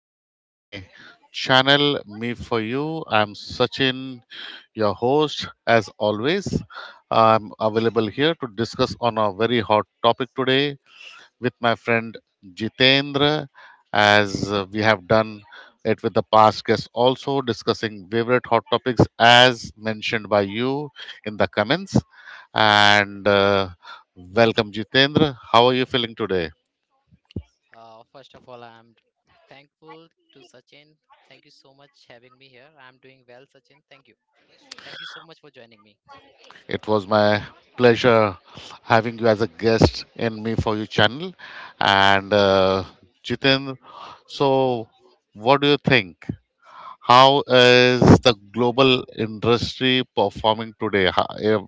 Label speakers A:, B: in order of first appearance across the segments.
A: Welcome to my channel, Me For You. I'm Sachin, your host, as always. I'm available here to discuss on a very hot topic today with my friend Jitendra, as we have done it with the past guests also, discussing favorite hot topics as mentioned by you in the comments. And Welcome, Jitendra. How are you feeling today?
B: First of all, I'm thankful to Sachin. Thank you so much having me here. I'm doing well, Sachin. Thank you. Thank you so much for joining me.
A: It was my pleasure having you as a guest in Me For You channel. And Jiten, so what do you think? How is the global industry performing today?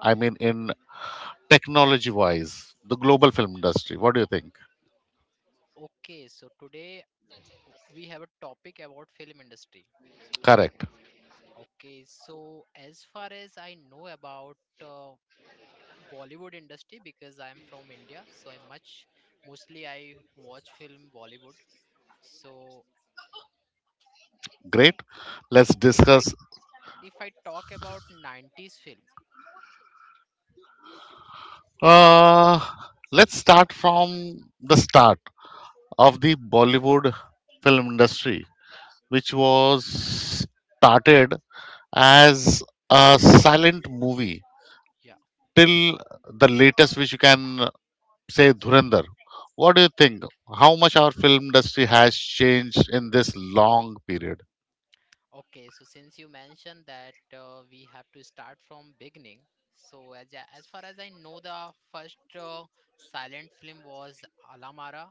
A: I mean, in technology wise, the global film industry. What do you think?
B: Okay, so today we have a topic about film industry.
A: Correct.
B: Okay, so as far as I know about uh, Bollywood industry because I'm from India, so I much mostly I watch film Bollywood. So
A: Great. Let's
B: if I
A: discuss.
B: if I talk about 90s film,
A: Uh, let's start from the start
B: yeah.
A: of the Bollywood film industry, which was started as a silent movie till the latest, which you can say Dhurandhar. What do you think? How much our film industry has changed in this long period?
B: Okay, so since you mentioned that we have to start from beginning, so as far as I know, the first silent film was Alamara,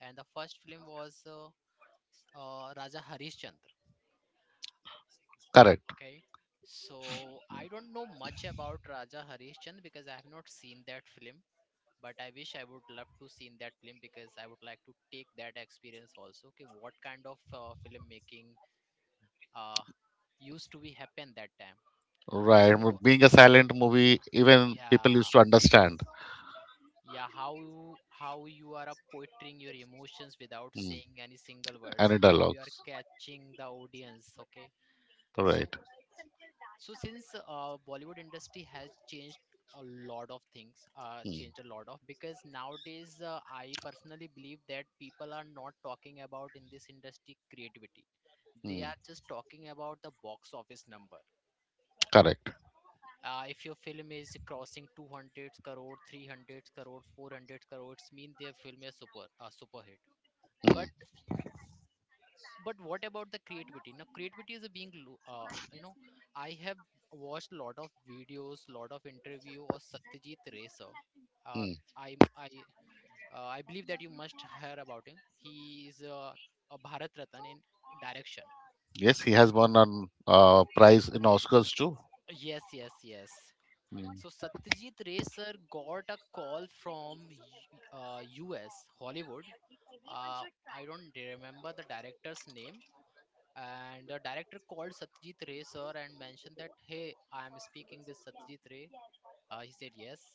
B: and the first film was Raja Harishchandra.
A: Correct.
B: Okay, so I don't know much about Raja Harishchandra because I have not seen that film, but I wish I would love to seen that film because I would like to take that experience also. Okay, what kind of filmmaking uh, used to be happen that time?
A: Right.
B: So
A: Being a silent movie, even people used
B: Yeah,
A: to understand
B: yeah. How you are portraying your emotions without
A: mm.
B: saying any single words.
A: any
B: How you are
A: dialogues.
B: catching the audience. Okay. So
A: Right.
B: so since Bollywood industry has changed a lot of things,
A: Mm.
B: changed a lot of because nowadays I personally believe that people are not talking about in this industry creativity. They
A: Mm.
B: are just talking about the box office number.
A: Correct.
B: If your film is crossing 200 crore 300 crore 400 crores mean their film is super a super hit. But what about the creativity? Now creativity is being I have watched a lot of videos, lot of interview of Satyajit Ray sir. uh,
A: Mm.
B: i i uh, i believe that you must hear about him. He is a Bharat Ratan in direction.
A: Yes, he has won an prize in Oscars too.
B: Yes, yes, yes.
A: Mm.
B: So Satyajit Ray sir got a call from US Hollywood. Uh, I don't remember the director's name. And the director called Satyajit Ray sir and mentioned that, hey, I am speaking with Satyajit Ray. He said yes.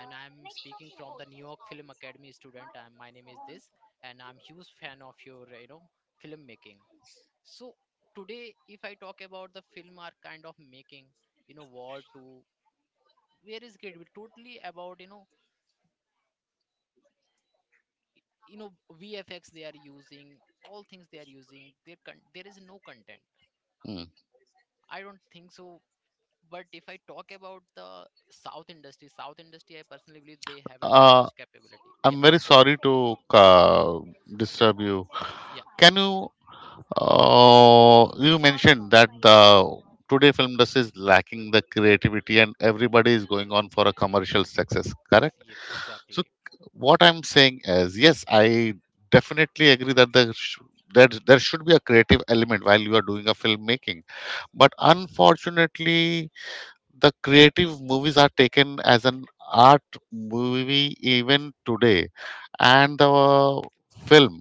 B: And I'm speaking from the New York Film Academy student. I, my name is this, and I'm huge fan of your filmmaking. So today, if I talk about the film are kind of making, War 2 where is great we totally about y- you know VFX they are using. All things they are using there. There is no content.
A: Mm.
B: I don't think so. But if I talk about the South industry, I personally believe they have a, that
A: Uh,
B: much capability. Yeah.
A: I'm very sorry to uh, disturb you.
B: Yeah,
A: Can you? You mentioned that the today film industry is lacking the creativity, and everybody is going on for a commercial success. Correct.
B: yep,
A: So
B: exactly.
A: what I'm saying is, yes, I definitely agree that that there should be a creative element while you are doing a filmmaking. But unfortunately, the creative movies are taken as an art movie even today, and the film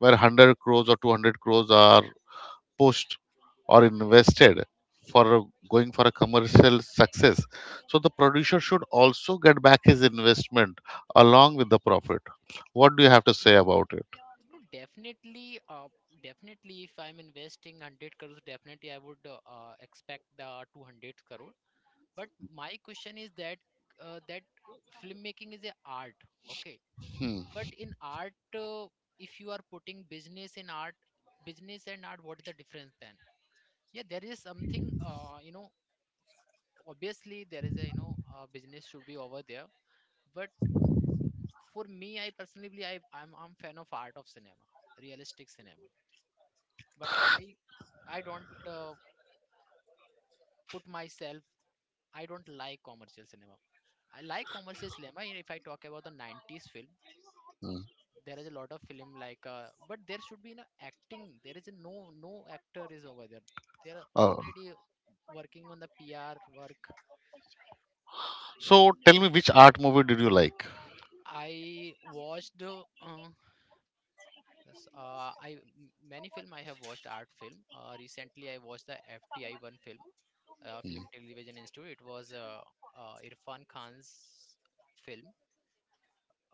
A: where 100 crores or 200 crores are pushed or invested for going for a commercial success, so the producer should also get back his investment along with the profit. What do you have to say about it?
B: No, definitely, if I'm investing 100 crores, definitely I would expect the 200 crore. But my question is that that filmmaking is a art. Okay.
A: Hmm.
B: But in art, if you are putting business in art, business and art, what is the difference then? Yeah, there is something, obviously there is a business should be over there. But for me, I personally believe I'm fan of art of cinema, realistic cinema. But I, I don't put myself, I don't like commercial cinema. I like commercial cinema. If I talk about the 90s film,
A: Hmm.
B: there is a lot of film like but there should be no acting. There is a no no actor is over there. They are
A: Uh,
B: already working on the PR work.
A: So tell me, which art movie did you like?
B: I watched s- uh, i m- many film. I have watched art film. Recently I watched the FTI one film.
A: Hmm.
B: Film Television Institute. It was Irfan Khan's film.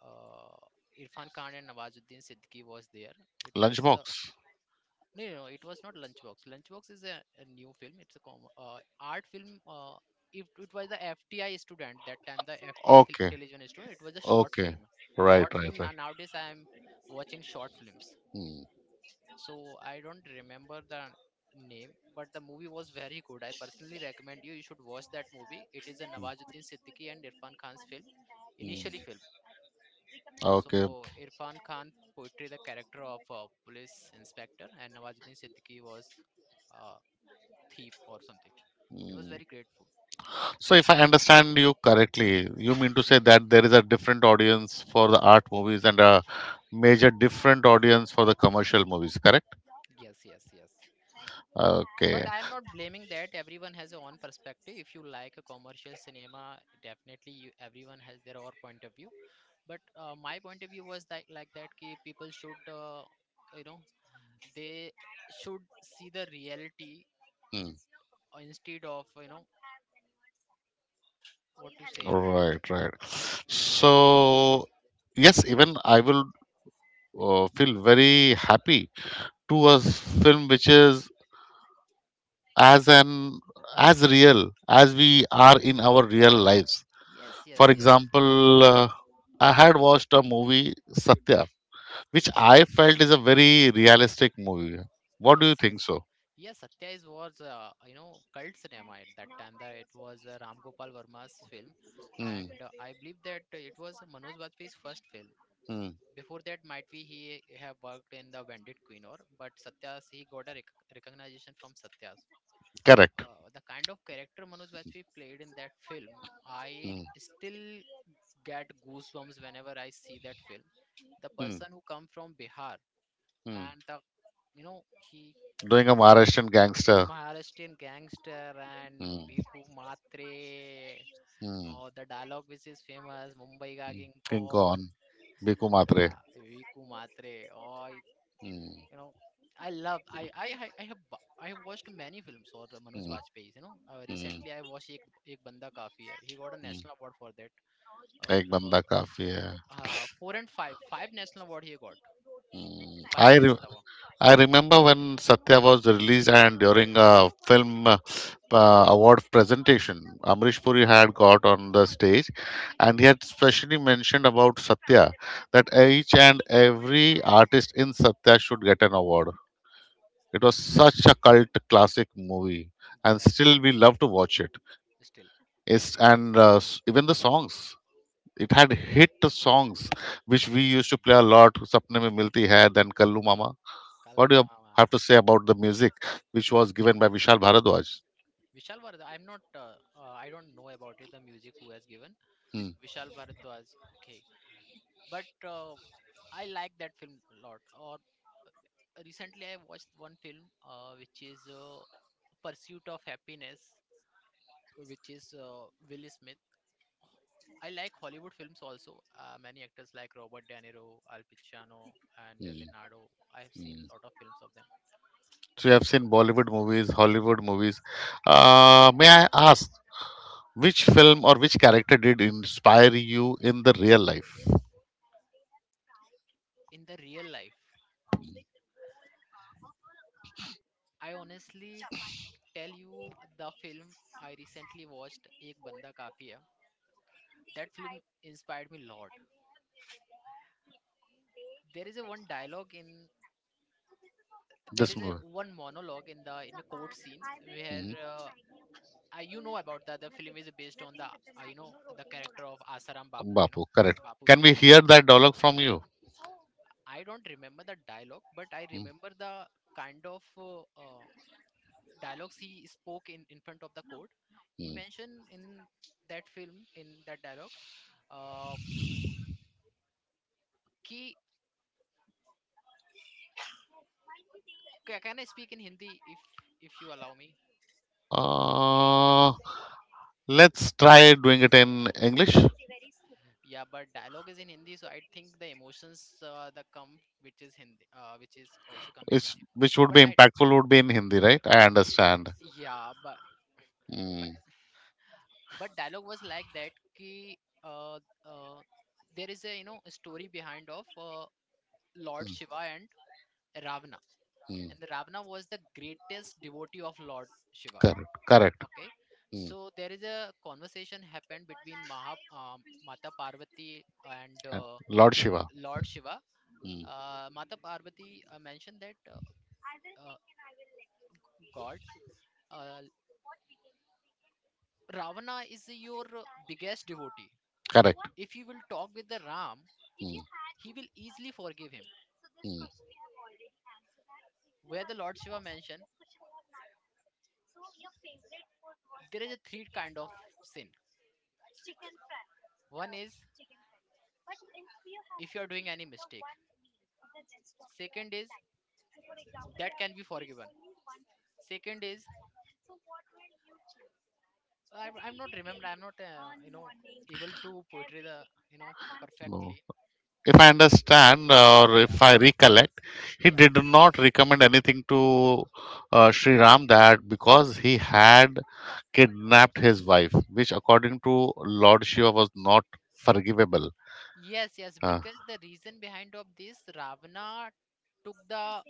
B: uh, Irfan Khan and Nawazuddin Siddiqui was there. It was
A: Lunchbox.
B: no, no, no, it was not Lunchbox. Lunchbox is a new film. It's a art film. It was the FTI student that time, the FTI Film
A: Okay.
B: Television student. It was a short
A: Okay.
B: film.
A: Right.
B: Short
A: Right.
B: film.
A: Right.
B: Now nowadays, I am watching short films.
A: Hmm.
B: So I don't remember the name, but the movie was very good. I personally recommend you. You should watch that movie. It is a Nawazuddin Siddiqui and Irfan Khan's film,
A: Hmm.
B: initially film.
A: Hmm. Okay.
B: So Irfan Khan portrayed the character of a police inspector, and Nawazuddin Siddiqui was. Uh, Thief or something. It was
A: Hmm.
B: very grateful.
A: So, if I understand you correctly, you mean to say that there is a different audience for the art movies and a major different audience for the commercial movies, correct?
B: Yes, yes, yes.
A: Okay.
B: But I am not blaming that. Everyone has their own perspective. If you like a commercial cinema, definitely you, everyone has their own point of view. But my point of view was that like that ki people shouldyou know, they should see the reality
A: Hmm.
B: instead of what to say.
A: Right, right. So, yes, even I will feel very happy to a film which is as an as real as we are in our real lives.
B: Yes,
A: For
B: yes, yes.
A: example, I had watched a movie satya which I
B: Satya.
A: felt is a very realistic movie. What do you
B: Yes, yes.
A: think so?
B: Yes, Satya is was you know cult cinema at that time. That it was Ram Gopal Varma's film,
A: Hmm.
B: and I believe that it was Manoj Bajpayee's first film.
A: Hmm.
B: Before that, might be he have worked in the Bandit Queen or, but Satya's he got a recognition from Satya's.
A: Correct.
B: The kind of character Manoj Bajpayee played in that film, I
A: Hmm.
B: still get goosebumps whenever I see that film. The
A: Hmm.
B: person who come from Bihar
A: Hmm.
B: and the he
A: Doing a Maharashtrian gangster.
B: Maharashtrian gangster and
A: Mm.
B: Bhikkhu Matre,
A: Mm.
B: or the dialogue which is famous, Mumbai ka
A: Mm.
B: King
A: King Kong.
B: Kong,
A: Biku Matre.
B: yeah, Bhikkhu Matre, or
A: Mm.
B: know, I love, I have, bu- I have watched many films or Manoj
A: Mm.
B: Bajpayee's, you know.
A: Mm.
B: Recently, I watched Ek Banda Kafi Hai. He got a
A: Mm.
B: national award for that, or
A: एक बंदा काफी है
B: four and five national award he got,
A: hmm,
B: five
A: I
B: national
A: re-
B: award,
A: I remember when Satya was released and during a film award presentation, Amrish Puri had got on the stage and he had specially mentioned about Satya that each and every artist in Satya should get an award. It was such a cult classic movie and
B: exactly.
A: still we love to watch it.
B: Still,
A: It's, and even the songs. It had hit songs which we used to
B: hmm,
A: play a lot. Sapne Mein Milti Hai, then Kallu Mama. What do
B: Kallu
A: you have
B: Mama.
A: to say about the music which was given by Vishal Bharadwaj?
B: Vishal Bharadwaj, I don't know about it, the music who has given.
A: Hmm.
B: Vishal Bharadwaj, okay. But I like that film a lot. Or recently I watched one film which is Pursuit of Happiness, which is Will Smith. I like Hollywood films also. Many actors like Robert De Niro, Al Pacino, and
A: Hmm,
B: Leonardo. I have seen a
A: hmm.
B: lot of films of them.
A: So you have seen Bollywood movies, Hollywood movies. May I ask, which film or which character did inspire you in the real life?
B: In the real life, I honestly tell you the film I recently watched, Ek Banda Kafi Hai. That film inspired me a lot. There is a one dialogue in there
A: This
B: is a
A: movie.
B: one monologue in the in a court scene where
A: Mhm.
B: about that the film is based on the the character of Asaram Bapu,
A: Bapu, correct.
B: Bapu's
A: Can we
B: character.
A: hear that dialogue from you?
B: I don't remember the dialogue, but I remember the kind of dialogues he spoke in front of the court. He
A: Mhm.
B: mentioned in that film in that dialogue. Uh, कि can I speak in Hindi if you allow me?
A: Uh, let's try doing it in English.
B: Yeah, but dialogue is in Hindi, so I think the emotions that come, which is Hindi, which is also come in
A: which
B: Hindi.
A: which would
B: But
A: be
B: I,
A: impactful would be in Hindi, right? I understand.
B: yeah, but
A: Mm,
B: but dialogue was like that. Uh, uh, there is a story behind of Lord Shiva and Ravana,
A: mm.
B: and the Ravana was the greatest devotee of Lord Shiva.
A: Correct, correct.
B: Okay,
A: Mm.
B: so there is a conversation happened between Mata Parvati and
A: And Lord Shiva.
B: Lord Shiva.
A: Mm.
B: Mata Parvati mentioned that. Uh, God, uh, Ravana is your biggest devotee.
A: Correct.
B: If you will talk with the Ram,
A: Mm.
B: he will easily forgive him.
A: Mm.
B: Where the Lord Shiva mentioned, there is a three kind of sin. One is, if you are doing any mistake. Second is that can be forgiven. Second is, I'm not able to portray the you know
A: No,
B: perfectly.
A: if I understand or if
B: Yeah,
A: I recollect, he
B: yeah.
A: did not recommend anything to Sri Ram that because he had kidnapped his wife, which according to Lord Shiva was not forgivable.
B: Yes, yes,
A: Uh,
B: because the reason behind of this, Ravana took the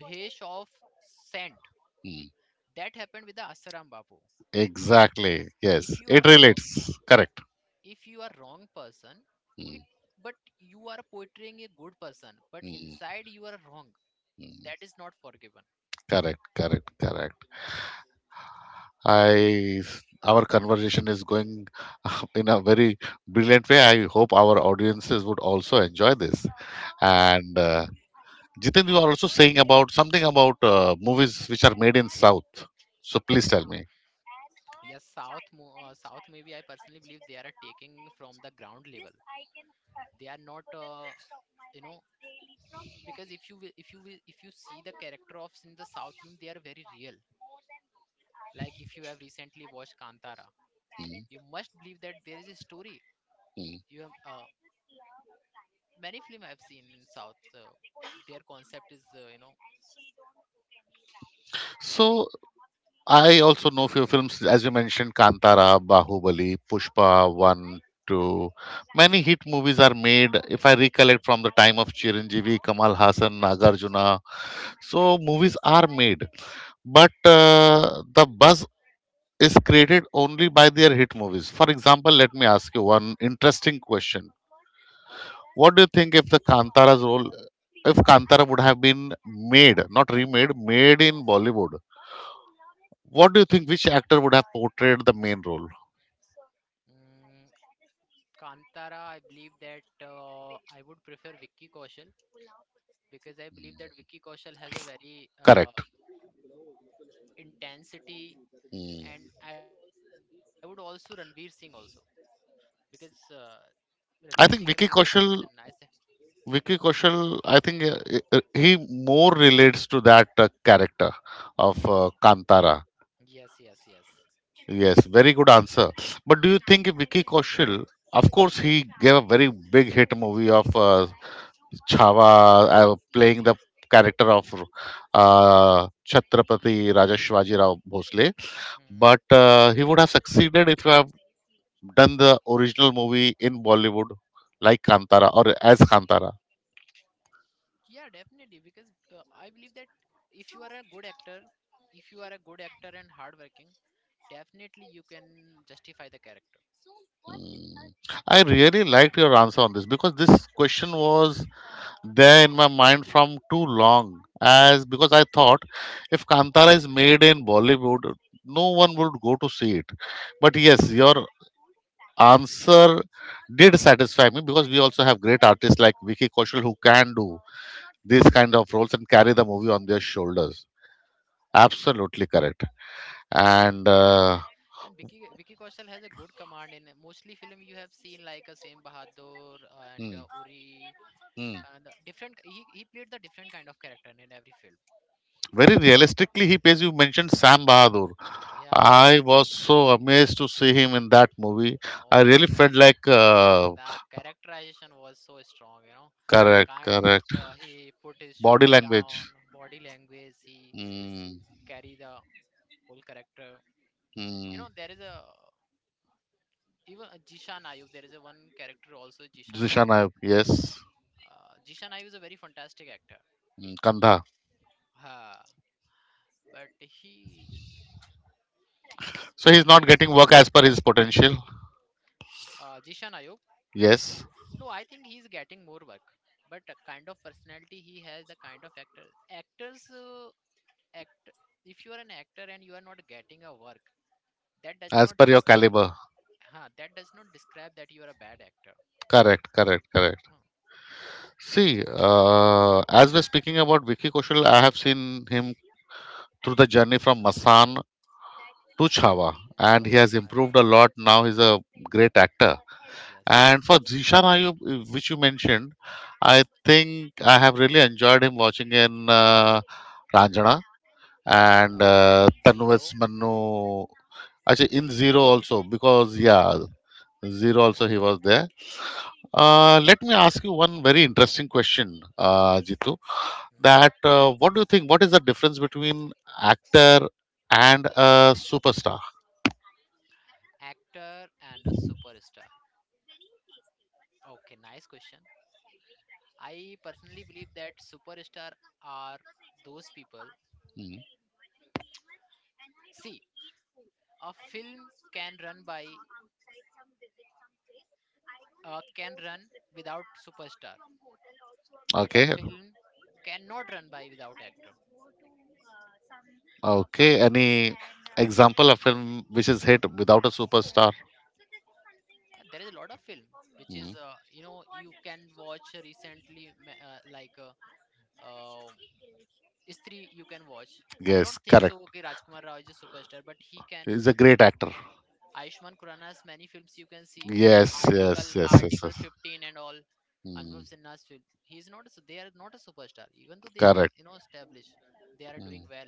B: bhesh of scent.
A: hmm.
B: That happened with the Asaram Babu.
A: Exactly. Yes,
B: If you
A: it
B: are wrong,
A: relates. Correct.
B: if you are wrong person,
A: Hmm,
B: but you are portraying a good person, but
A: hmm,
B: inside you are wrong.
A: hmm.
B: That is not forgiven.
A: Correct. Correct. Correct. I our conversation is going in a very brilliant way. I hope our audiences would also enjoy this.
B: Uh,
A: And Jiten, you are also saying about something about movies which are made in South. So please tell me.
B: yes, South maybe I personally believe they are taking from the ground level. They are not, you know, because if you see the character of in the South film, they are very real. Like if you have recently watched Kantara,
A: Hmm.
B: you must believe that there is a story.
A: Mm.
B: You have many film I've seen in South. Their concept is
A: So I also know few films as you mentioned Kantara, Bahubali, Pushpa 1 2. Many hit movies are made if I recollect from the time of Chiranjeevi, Kamal Hassan, Nagarjuna. So movies are made, but the buzz is created only by their hit movies. For example, let me ask you one interesting question. What do you think if the Kantara's role, if Kantara would have been made, not remade, made in Bollywood, what do you think which actor would have portrayed the main role?
B: mm, Kantara. I believe that I would prefer Vicky Kaushal because I believe that Vicky Kaushal has a very
A: Correct.
B: intensity,
A: Hmm.
B: and I would also Ranveer Singh also because Ranveer Singh I
A: I
B: believe
A: think
B: that he is
A: Vicky
B: the nice.
A: Kaushal, I think he more relates to that character of Kantara.
B: Yes, yes, yes.
A: Yes, very good answer. But do you think Vicky Kaushal? Of course, he gave a very big hit movie of Chhava, playing the character of Chhatrapati Raja Shivaji Rao Bhosle.
B: Hmm.
A: But he would have succeeded if you have done the original movie in Bollywood, like Kantara or as Kantara.
B: Yeah, definitely. Because I believe that if you are a good actor, if you are a good actor and hardworking, definitely you can justify the character.
A: Mm. I really liked your answer on this, because this question was there in my mind from too long as because I thought, if Kantara is made in Bollywood, no one would go to see it. But yes, your answer did satisfy me, because we also have great artists like Vicky Kaushal who can do these kind of roles and carry the movie on their shoulders. Absolutely correct. And
B: And Vicky Kaushal has a good command in mostly film you have seen like a same Bahadur and
A: Hmm,
B: Uri
A: hmm.
B: and the different. He played the different kind of character in every film.
A: Very realistically, he plays. You mentioned Sam Bahadur.
B: Yeah.
A: I was so amazed to see him in that movie.
B: Oh
A: I
B: my
A: really
B: God,
A: felt like
B: the, the characterization was so strong. You know, the
A: correct,
B: kind of
A: correct.
B: he put his
A: Body
B: shoulder down,
A: language.
B: body language, he
A: Mm,
B: carry the whole character. You
A: mm.
B: know, there is a even a Jishan Ayub. There is a one character also Jishan
A: Zisha
B: Ayub.
A: Nayak, yes,
B: Jishan Ayub is a very fantastic actor.
A: mm, Kandha.
B: Uh, but he
A: So he's not
B: played so,
A: getting work as per his potential.
B: Jishan Ayub.
A: Yes,
B: No, I think he's getting more work. But the kind of personality he has, the kind of actors act. If you are an actor and you are not getting a work, that does
A: as
B: not
A: per your
B: describe.
A: caliber.
B: Huh, that does not describe that you are a bad actor.
A: Correct, correct, correct.
B: Hmm.
A: See, as we're speaking about Vicky Kaushal, I have seen him through the journey from Masan to Chhawa, and he
B: Oh
A: has
B: my God.
A: improved a lot. Now he's a great actor.
B: Yes, yes,
A: And for
B: yes.
A: Zishan Ayub, which you mentioned, I think I have really enjoyed him watching in Ranjana and
B: Ranchada
A: Tanuves
B: zero.
A: Mannu.
B: Uh,
A: Actually, in Zero also, because
B: Zero also.
A: yeah,
B: Yeah.
A: Zero also he was there. Let me ask you one very interesting question, Jitu.
B: Mhm.
A: That what do you think? What is the difference between actor and a superstar?
B: Actor and a superstar. Okay, nice question. I personally believe that superstar are those people.
A: Mhm.
B: See, a film can run by can run without superstar, but a
A: Okay.
B: film cannot run by without actor.
A: Okay. Any example of film which is hit without a superstar?
B: Yeah, there is a lot of film which is
A: Hmm.
B: you know you can watch recently like uh, Istri you can watch. I don't
A: Yes,
B: think so.
A: correct.
B: Okay, Rajkumar Rao is a superstar, but he can.
A: He's a great actor.
B: Aishman Khurana's many films you can see.
A: Yes, yes, yes, yes,
B: Article
A: yes.
B: 15, and all.
A: Hmm.
B: Anubhav Sinha's film. He's not. A, su- They are not a superstar. Even though they are,
A: Correct.
B: you know, established, they are
A: Hmm.
B: doing well.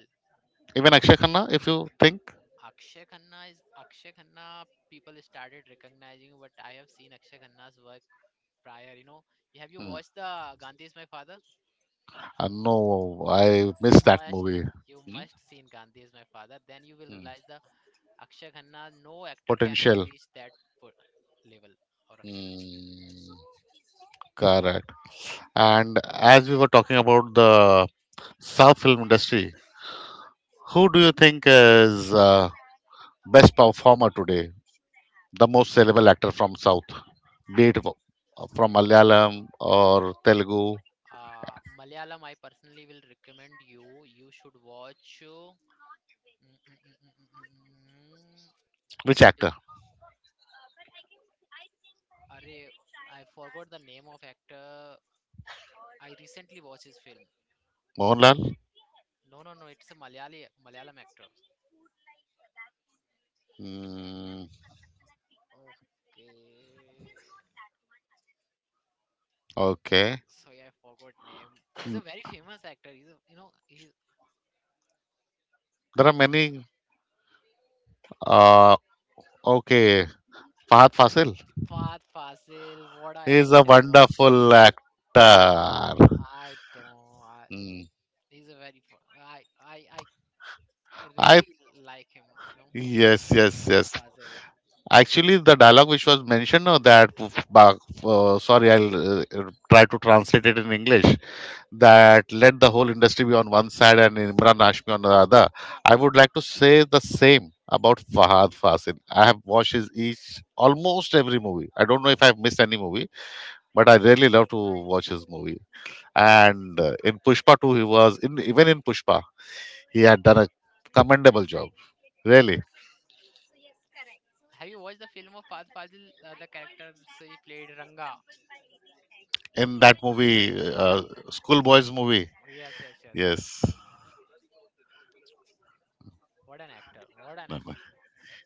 A: Even Akshay Khanna, if you think.
B: Akshay Khanna is Akshay Khanna. People started recognizing, but I have seen Akshay Khanna's work prior. You know, have you
A: Hmm.
B: watched the Gandhi is my father?
A: No, I
B: You
A: missed that
B: must.
A: movie.
B: You
A: Hmm?
B: must seen Gandhi is my father. Then you will
A: Hmm.
B: realize the Akshay Khanna. No actor can be
A: Potential.
B: reached that po- level or Akshay Khanna.
A: Hmm. Correct. And as we were talking about the South film industry, who do you think is best performer today, the most sellable actor from South, be it from Malayalam or Telugu.
B: Malayalam, I personally will recommend you. You should watch. Mm, mm, mm, mm, mm, mm,
A: Which
B: What is?
A: actor?
B: Arre, I forgot the name of actor. I recently watched his film.
A: Mohanlal?
B: No, no, no. It's a Malayali Malayalam actor.
A: Mm,
B: Okay.
A: okay.
B: Sorry, I forgot name. He's a
A: Mm,
B: very famous actor. You know he's
A: there are many. Uh, okay. Fahad Fasil
B: Fahad Fasil. What a
A: is a
B: actor! What
A: wonderful
B: uh,
A: actor.
B: I don't. I,
A: Mm.
B: he's a very. I
A: I
B: really like him. You know.
A: yes, yes,
B: Fahad
A: yes.
B: Fazil.
A: Actually, the dialogue which was mentioned that, uh, sorry, I'll try to translate it in English. That let the whole industry be on one side and Imran Hashmi on the other. I would like to say the same about Fahad Fasil. I have watched his each almost every movie. I don't know if I've missed any movie, but I really love to watch his movie. And In Pushpa too, he was in even in Pushpa, he had done a commendable job. Really,
B: Have you watched the film of Fahad Fazil? The characters he played Ranga.
A: in that movie, uh, Schoolboys movie.
B: Yes, yes, yes, yes.
A: Yes.
B: What an actor! What an
A: No, no.
B: actor!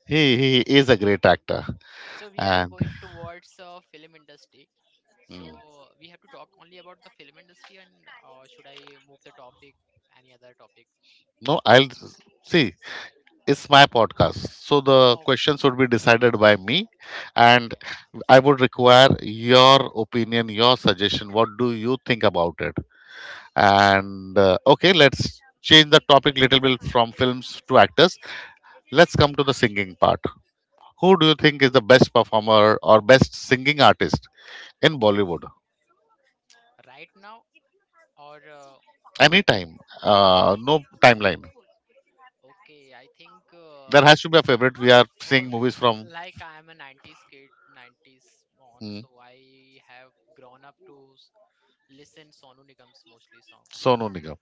A: He is a great actor,
B: So we are
A: and
B: going towards film industry. So
A: mm,
B: we have to talk only about the film industry, and should I move the topic? Any other topic?
A: no, I'll see. It's my podcast, so the
B: Oh,
A: questions would be decided by me, and
B: okay,
A: I would require your opinion, your suggestion. What do you think about it? And Okay, let's change the topic little bit from films to actors. Let's come to the singing part. Who do you
B: okay.
A: think is the best performer or best singing artist in Bollywood?
B: Right now, or
A: Anytime,
B: I,
A: no timeline.
B: okay, I think.
A: There has to be a favorite. We are
B: For
A: seeing movies from
B: like I am a 90s kid, 90s on, so
A: hmm,
B: I have grown up to s- listen sonu nigam's mostly song
A: Sonu Nigam.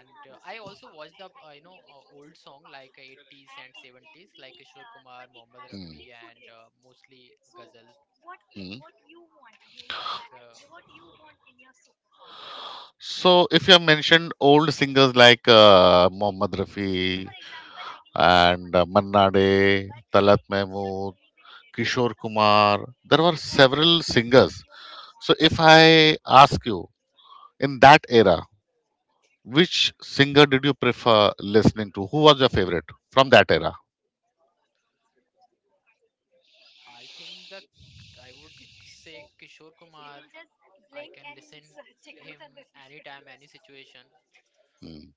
B: and I also watch the you know old song like 80s and 70s like kishore kumar mohammad
A: Hmm.
B: rafi and mostly ghazal
A: Hmm.
B: like
A: So,
B: mohammad
A: if you
B: ali.
A: have mentioned old singers like Mohammad Rafi and Manna Day, Talat Mahmood, Kishore Kumar, there were several singers. So, if I ask you in that era, which singer did you prefer listening to? Who was your favorite from that era?
B: I think the I would say kishore kumar. I can listen him anytime any situation.
A: Hmm,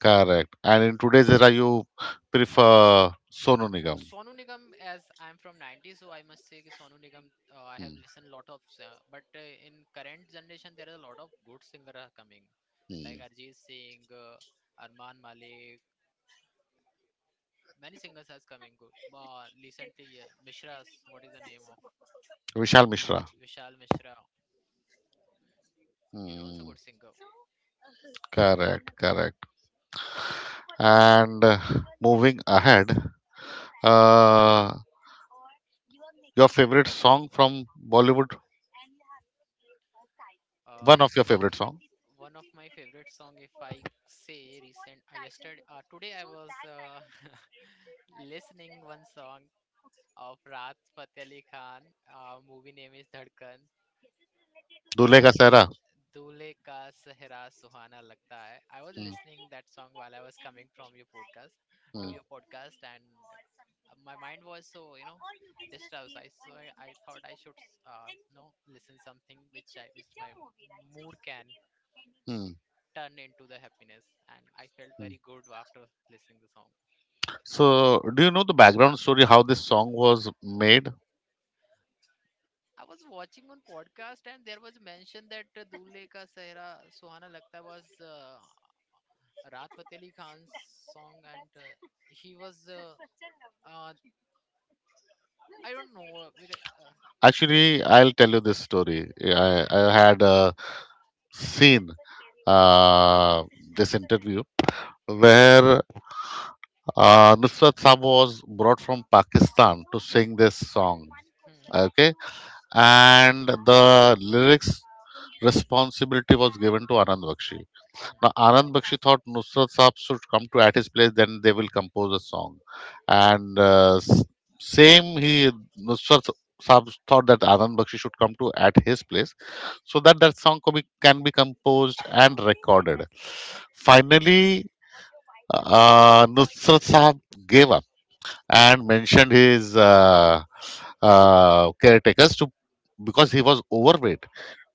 A: correct. And in today's era, you prefer Sonu Nigam.
B: Sonu Nigam, as I'm from 90s, so I must say ki Sonu Nigam, I have
A: Hmm,
B: listened lot of, but in current generation, there is a lot of good singers are coming, like
A: hmm.
B: Arjit Singh, Arman Malik, many singers are coming good. Recently, Mishra's, what is the name of
A: Vishal Mishra.
B: Vishal Mishra, is also
A: Hmm,
B: good singer.
A: correct, correct. And Moving ahead, uh, your favorite song from Bollywood?
B: Uh,
A: One of
B: f-
A: your favorite song?
B: one of my favorite song, if I say recent, today I was listening one song of Raj Fateh Ali Khan. Movie name is Dhadkan. मैं दूल्हे का सहरा सुहाना लगता है I was listening that song while I was coming from your podcast to your podcast and my mind was so you know disturbed, I thought I should you know listen something which I which my mood can turn into the happiness, and I felt very good after listening the song.
A: So, do you know the background story how this song was made?
B: I was watching one podcast and there was mention that Dulhe Ka Sehra Suhana Lagta was Raat Fateh Ali Khan's song, and he was uh, I don't know.
A: Actually, I'll tell you this story. Yeah,
B: Okay.
A: I had seen uh, this interview where Nusrat Saab was brought from Pakistan to sing this song.
B: Hmm,
A: Okay, and the lyrics responsibility was given to Anand Bakshi.
B: hmm.
A: Now, Anand Bakshi thought Nusrat Saab should come to at his place, then they will compose a song. And uh, s- same, he Nusrat Saab thought that Anand Bakshi should come to at his place, so that song can be composed and recorded. Finally, Nusrat Saab gave up and mentioned his caretakers to, because he was overweight,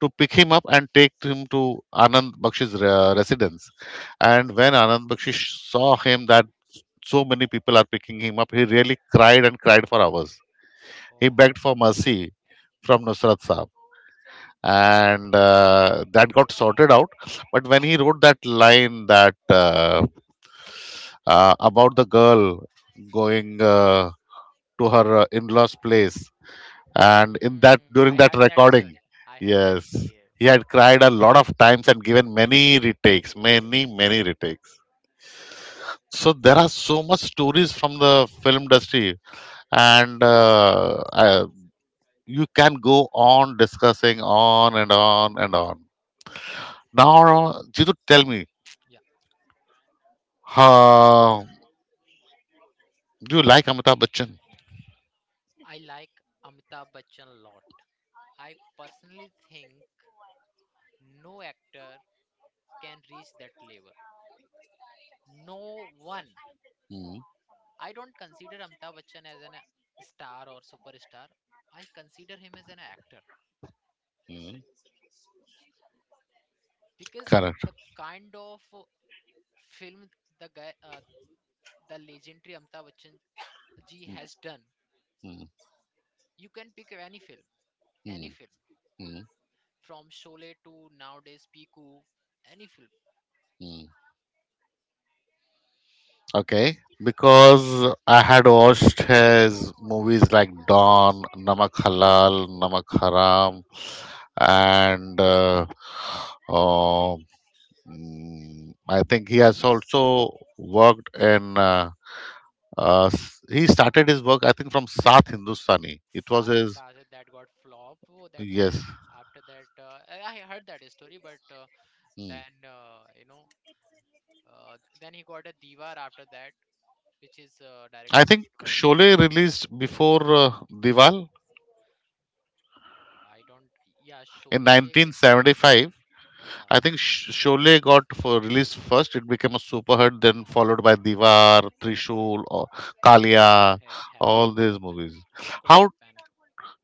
A: to pick him up and take him to Anand Bakshi's residence. And when
B: Okay.
A: Anand Bakshi saw him that so many people are picking him up, he really cried and cried for hours.
B: Oh
A: He
B: my
A: begged
B: God.
A: for mercy from Nusrat Saab. And that got sorted out. But when he wrote that line that about the girl going to her in-laws' place, and in that,
B: Hmm.
A: during
B: I
A: that
B: heard that
A: recording,
B: story. I heard that
A: yes,
B: story.
A: he had cried a lot of times and given many retakes, many retakes. So there are so much stories from the film industry, and you can go on discussing on and on and on. Now, Jitu, tell me,
B: Yeah.
A: how do you like Amitabh Bachchan?
B: I like Amitabh Bachchan a lot. I personally think no actor can reach that level. No one.
A: Mm.
B: I don't consider Amitabh Bachchan as an star or superstar. I consider him as an actor
A: Mm.
B: because
A: Correct.
B: the kind of film the guy the legendary Amitabh Bachchan ji
A: Mm,
B: has done.
A: mm,
B: You can pick any film
A: mm,
B: from Sholay to nowadays Piku, any film.
A: mm. Okay, because I had watched his movies like Dawn, Namak Halal, Namak Haram, and uh, I think he has also worked in. He started his work, I think, from South Hindustani. It was
B: Saath
A: his
B: Indaaz that got flop oh, that time.
A: yes.
B: After that, I heard that story, but
A: Hmm.
B: then you know, uh, then he got a Diwar after that, which is
A: I
B: directed
A: think
B: by
A: Sholay released before Diwal
B: I don't. Yeah,
A: in
B: Sholay.
A: 1975. I
B: Yeah,
A: think Sholay got for released first. It became a super hit, then followed by Diwar, Trishul, or
B: yeah.
A: Kalia,
B: It
A: all
B: could
A: these
B: happen.
A: movies.
B: It could
A: How
B: happen.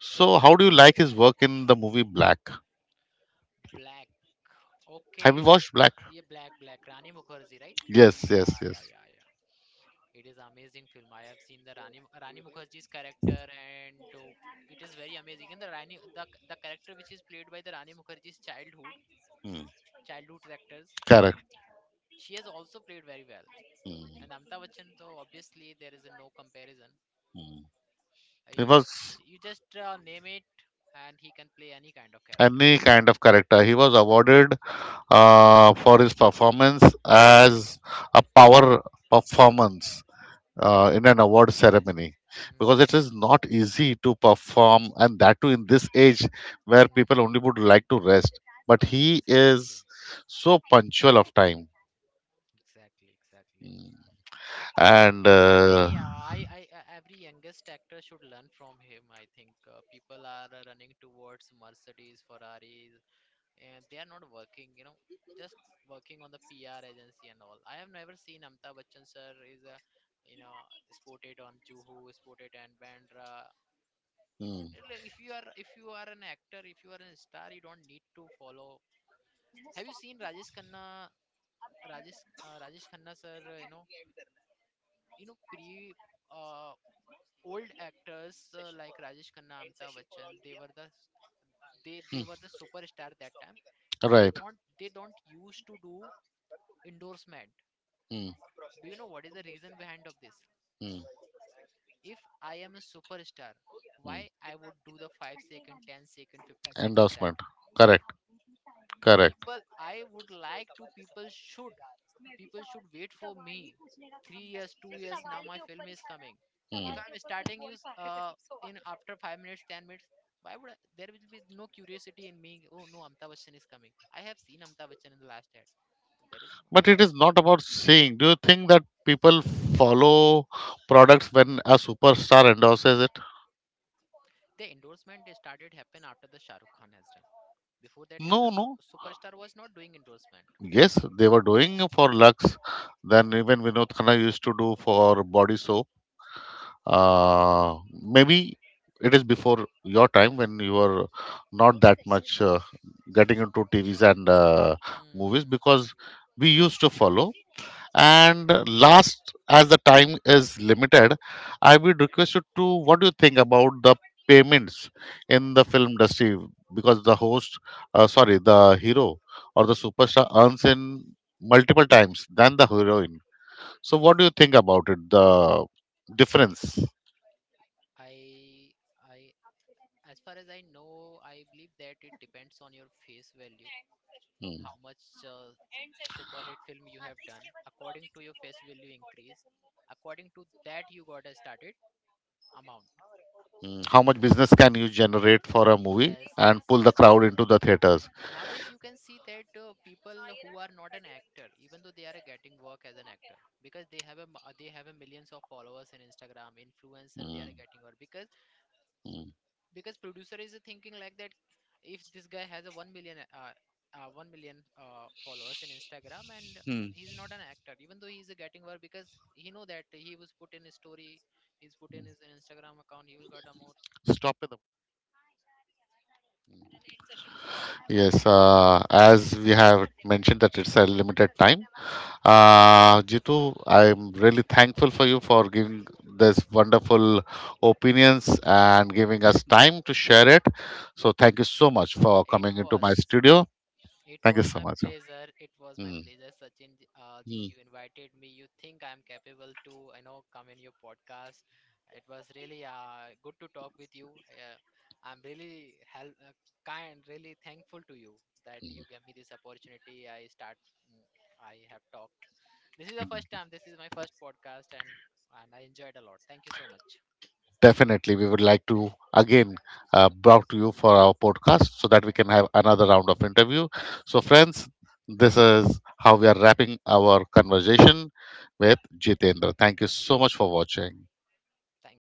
A: so? How do you like his work in the movie Black?
B: Black.
A: Have you
B: Okay.
A: watched Black?
B: Yeah, Black. Rani Mukherjee, right?
A: Yes, yes,
B: Yeah,
A: yes.
B: yeah, yeah, yeah. It is amazing film. I have seen the Rani Mukherjee's character, and oh, it is very amazing. And the Rani, the character which is played by the Rani Mukherjee's
A: Hmm.
B: childhood actors,
A: Correct.
B: she has also played very well.
A: Hmm,
B: And Amitabh Bachchan, so obviously there is a no comparison.
A: hmm. It
B: I,
A: was
B: you just name it, and he can play any kind of character.
A: any kind of character. He was awarded for his performance as a power performance in an award ceremony, because
B: Hmm.
A: it is not easy to perform, and that too in this age where
B: Hmm,
A: people only would
B: hmm.
A: like to rest, but he is
B: Exactly.
A: so punctual of time.
B: Exactly. Exactly.
A: And
B: every yeah, I every youngest actor should learn from him, I think people are running towards mercedes ferraris and they are not working, you know, just working on the pr agency and all. I have never seen amitabh bachchan sir is a you know spotted on juhu spotted and bandra.
A: mm,
B: Like, if you are, if you are an actor, if you are a star, you don't need to follow. Have you seen rajesh khanna? rajesh rajesh khanna sir you know pre Uh, old actors like Rajesh Khanna, Amitabh Bachchan, they were the, they
A: mm,
B: were the superstar that time.
A: right,
B: They don't used to do endorsement.
A: mm,
B: Do you know what is the reason behind of this?
A: mm,
B: If I am a superstar,
A: mm.
B: why I would do the 5 second, 10 second, 15-second ad?
A: Endorsement, correct, correct,
B: I would like to people should wait for me. 3 years, 2 years now, my film is coming.
A: mm.
B: If I'm starting in after 5 minutes, 10 minutes, why would I, there will be no curiosity in me? Oh no, Amitabh Bachchan is coming. I have seen Amitabh Bachchan in the last ad. There is
A: But
B: you
A: it is not about seeing. Do you think that people follow products when a superstar endorses it?
B: the endorsement is started happen after the Shah Rukh Khan has done. Before that,
A: No, no.
B: superstar was not doing endorsement.
A: Yes, they were doing for Lux. Then even Vinod Khanna used to do for body soap. Maybe it is before your time, when you were not that much getting into TVs and movies,
B: Hmm.
A: because we used to follow. And last, as the time is limited, I would request you to, what do you think about the payments in the film industry? Because the host, sorry, the hero or the superstar earns in multiple times than the heroine. So, what do you think about it? The difference?
B: I I as far as I know, I believe that it depends on your face value.
A: Hmm.
B: How much uh, super hit film you have done, according to your face value increase, according to that you got a started amount.
A: Hmm. How much business can you generate for a movie
B: Yes,
A: and
B: yes,
A: pull
B: yes.
A: the crowd into the theaters?
B: Nowadays you can see that people who are not an actor, even though they are getting work as an actor, because they have a they have a millions of followers in instagram influencer, they
A: Hmm.
B: are getting work because
A: Hmm.
B: because producer is thinking like that, if this guy has a 1 million 1 million followers in instagram, and
A: Hmm.
B: he's not an actor, even though he's getting work, because he know that he was put in his story, he's put in his instagram account, he will get a more.
A: Stop it. Yes, as we have mentioned that it's a limited time. Jitu, I'm really thankful for you for giving this wonderful opinions and giving us time to share it. So thank you so much for
B: it
A: coming into my
B: was
A: studio.
B: It
A: Thank you
B: was
A: so
B: my
A: much.
B: pleasure. It was my
A: Mm,
B: pleasure, Sachin. Ji,
A: mm.
B: you invited me. You think I'm capable to, you know, come in your podcast. It was really good to talk with you. Uh, I'm really really thankful to you that you gave me this opportunity. Mm, I have talked. This is the first time. This is my first podcast, and I enjoyed a lot. Thank you so much.
A: Definitely, we would like to again brought to you for our podcast, so that we can have another round of interview. So, friends, this is how we are wrapping our conversation with Jitendra. Thank you so much for watching.
B: Thank you.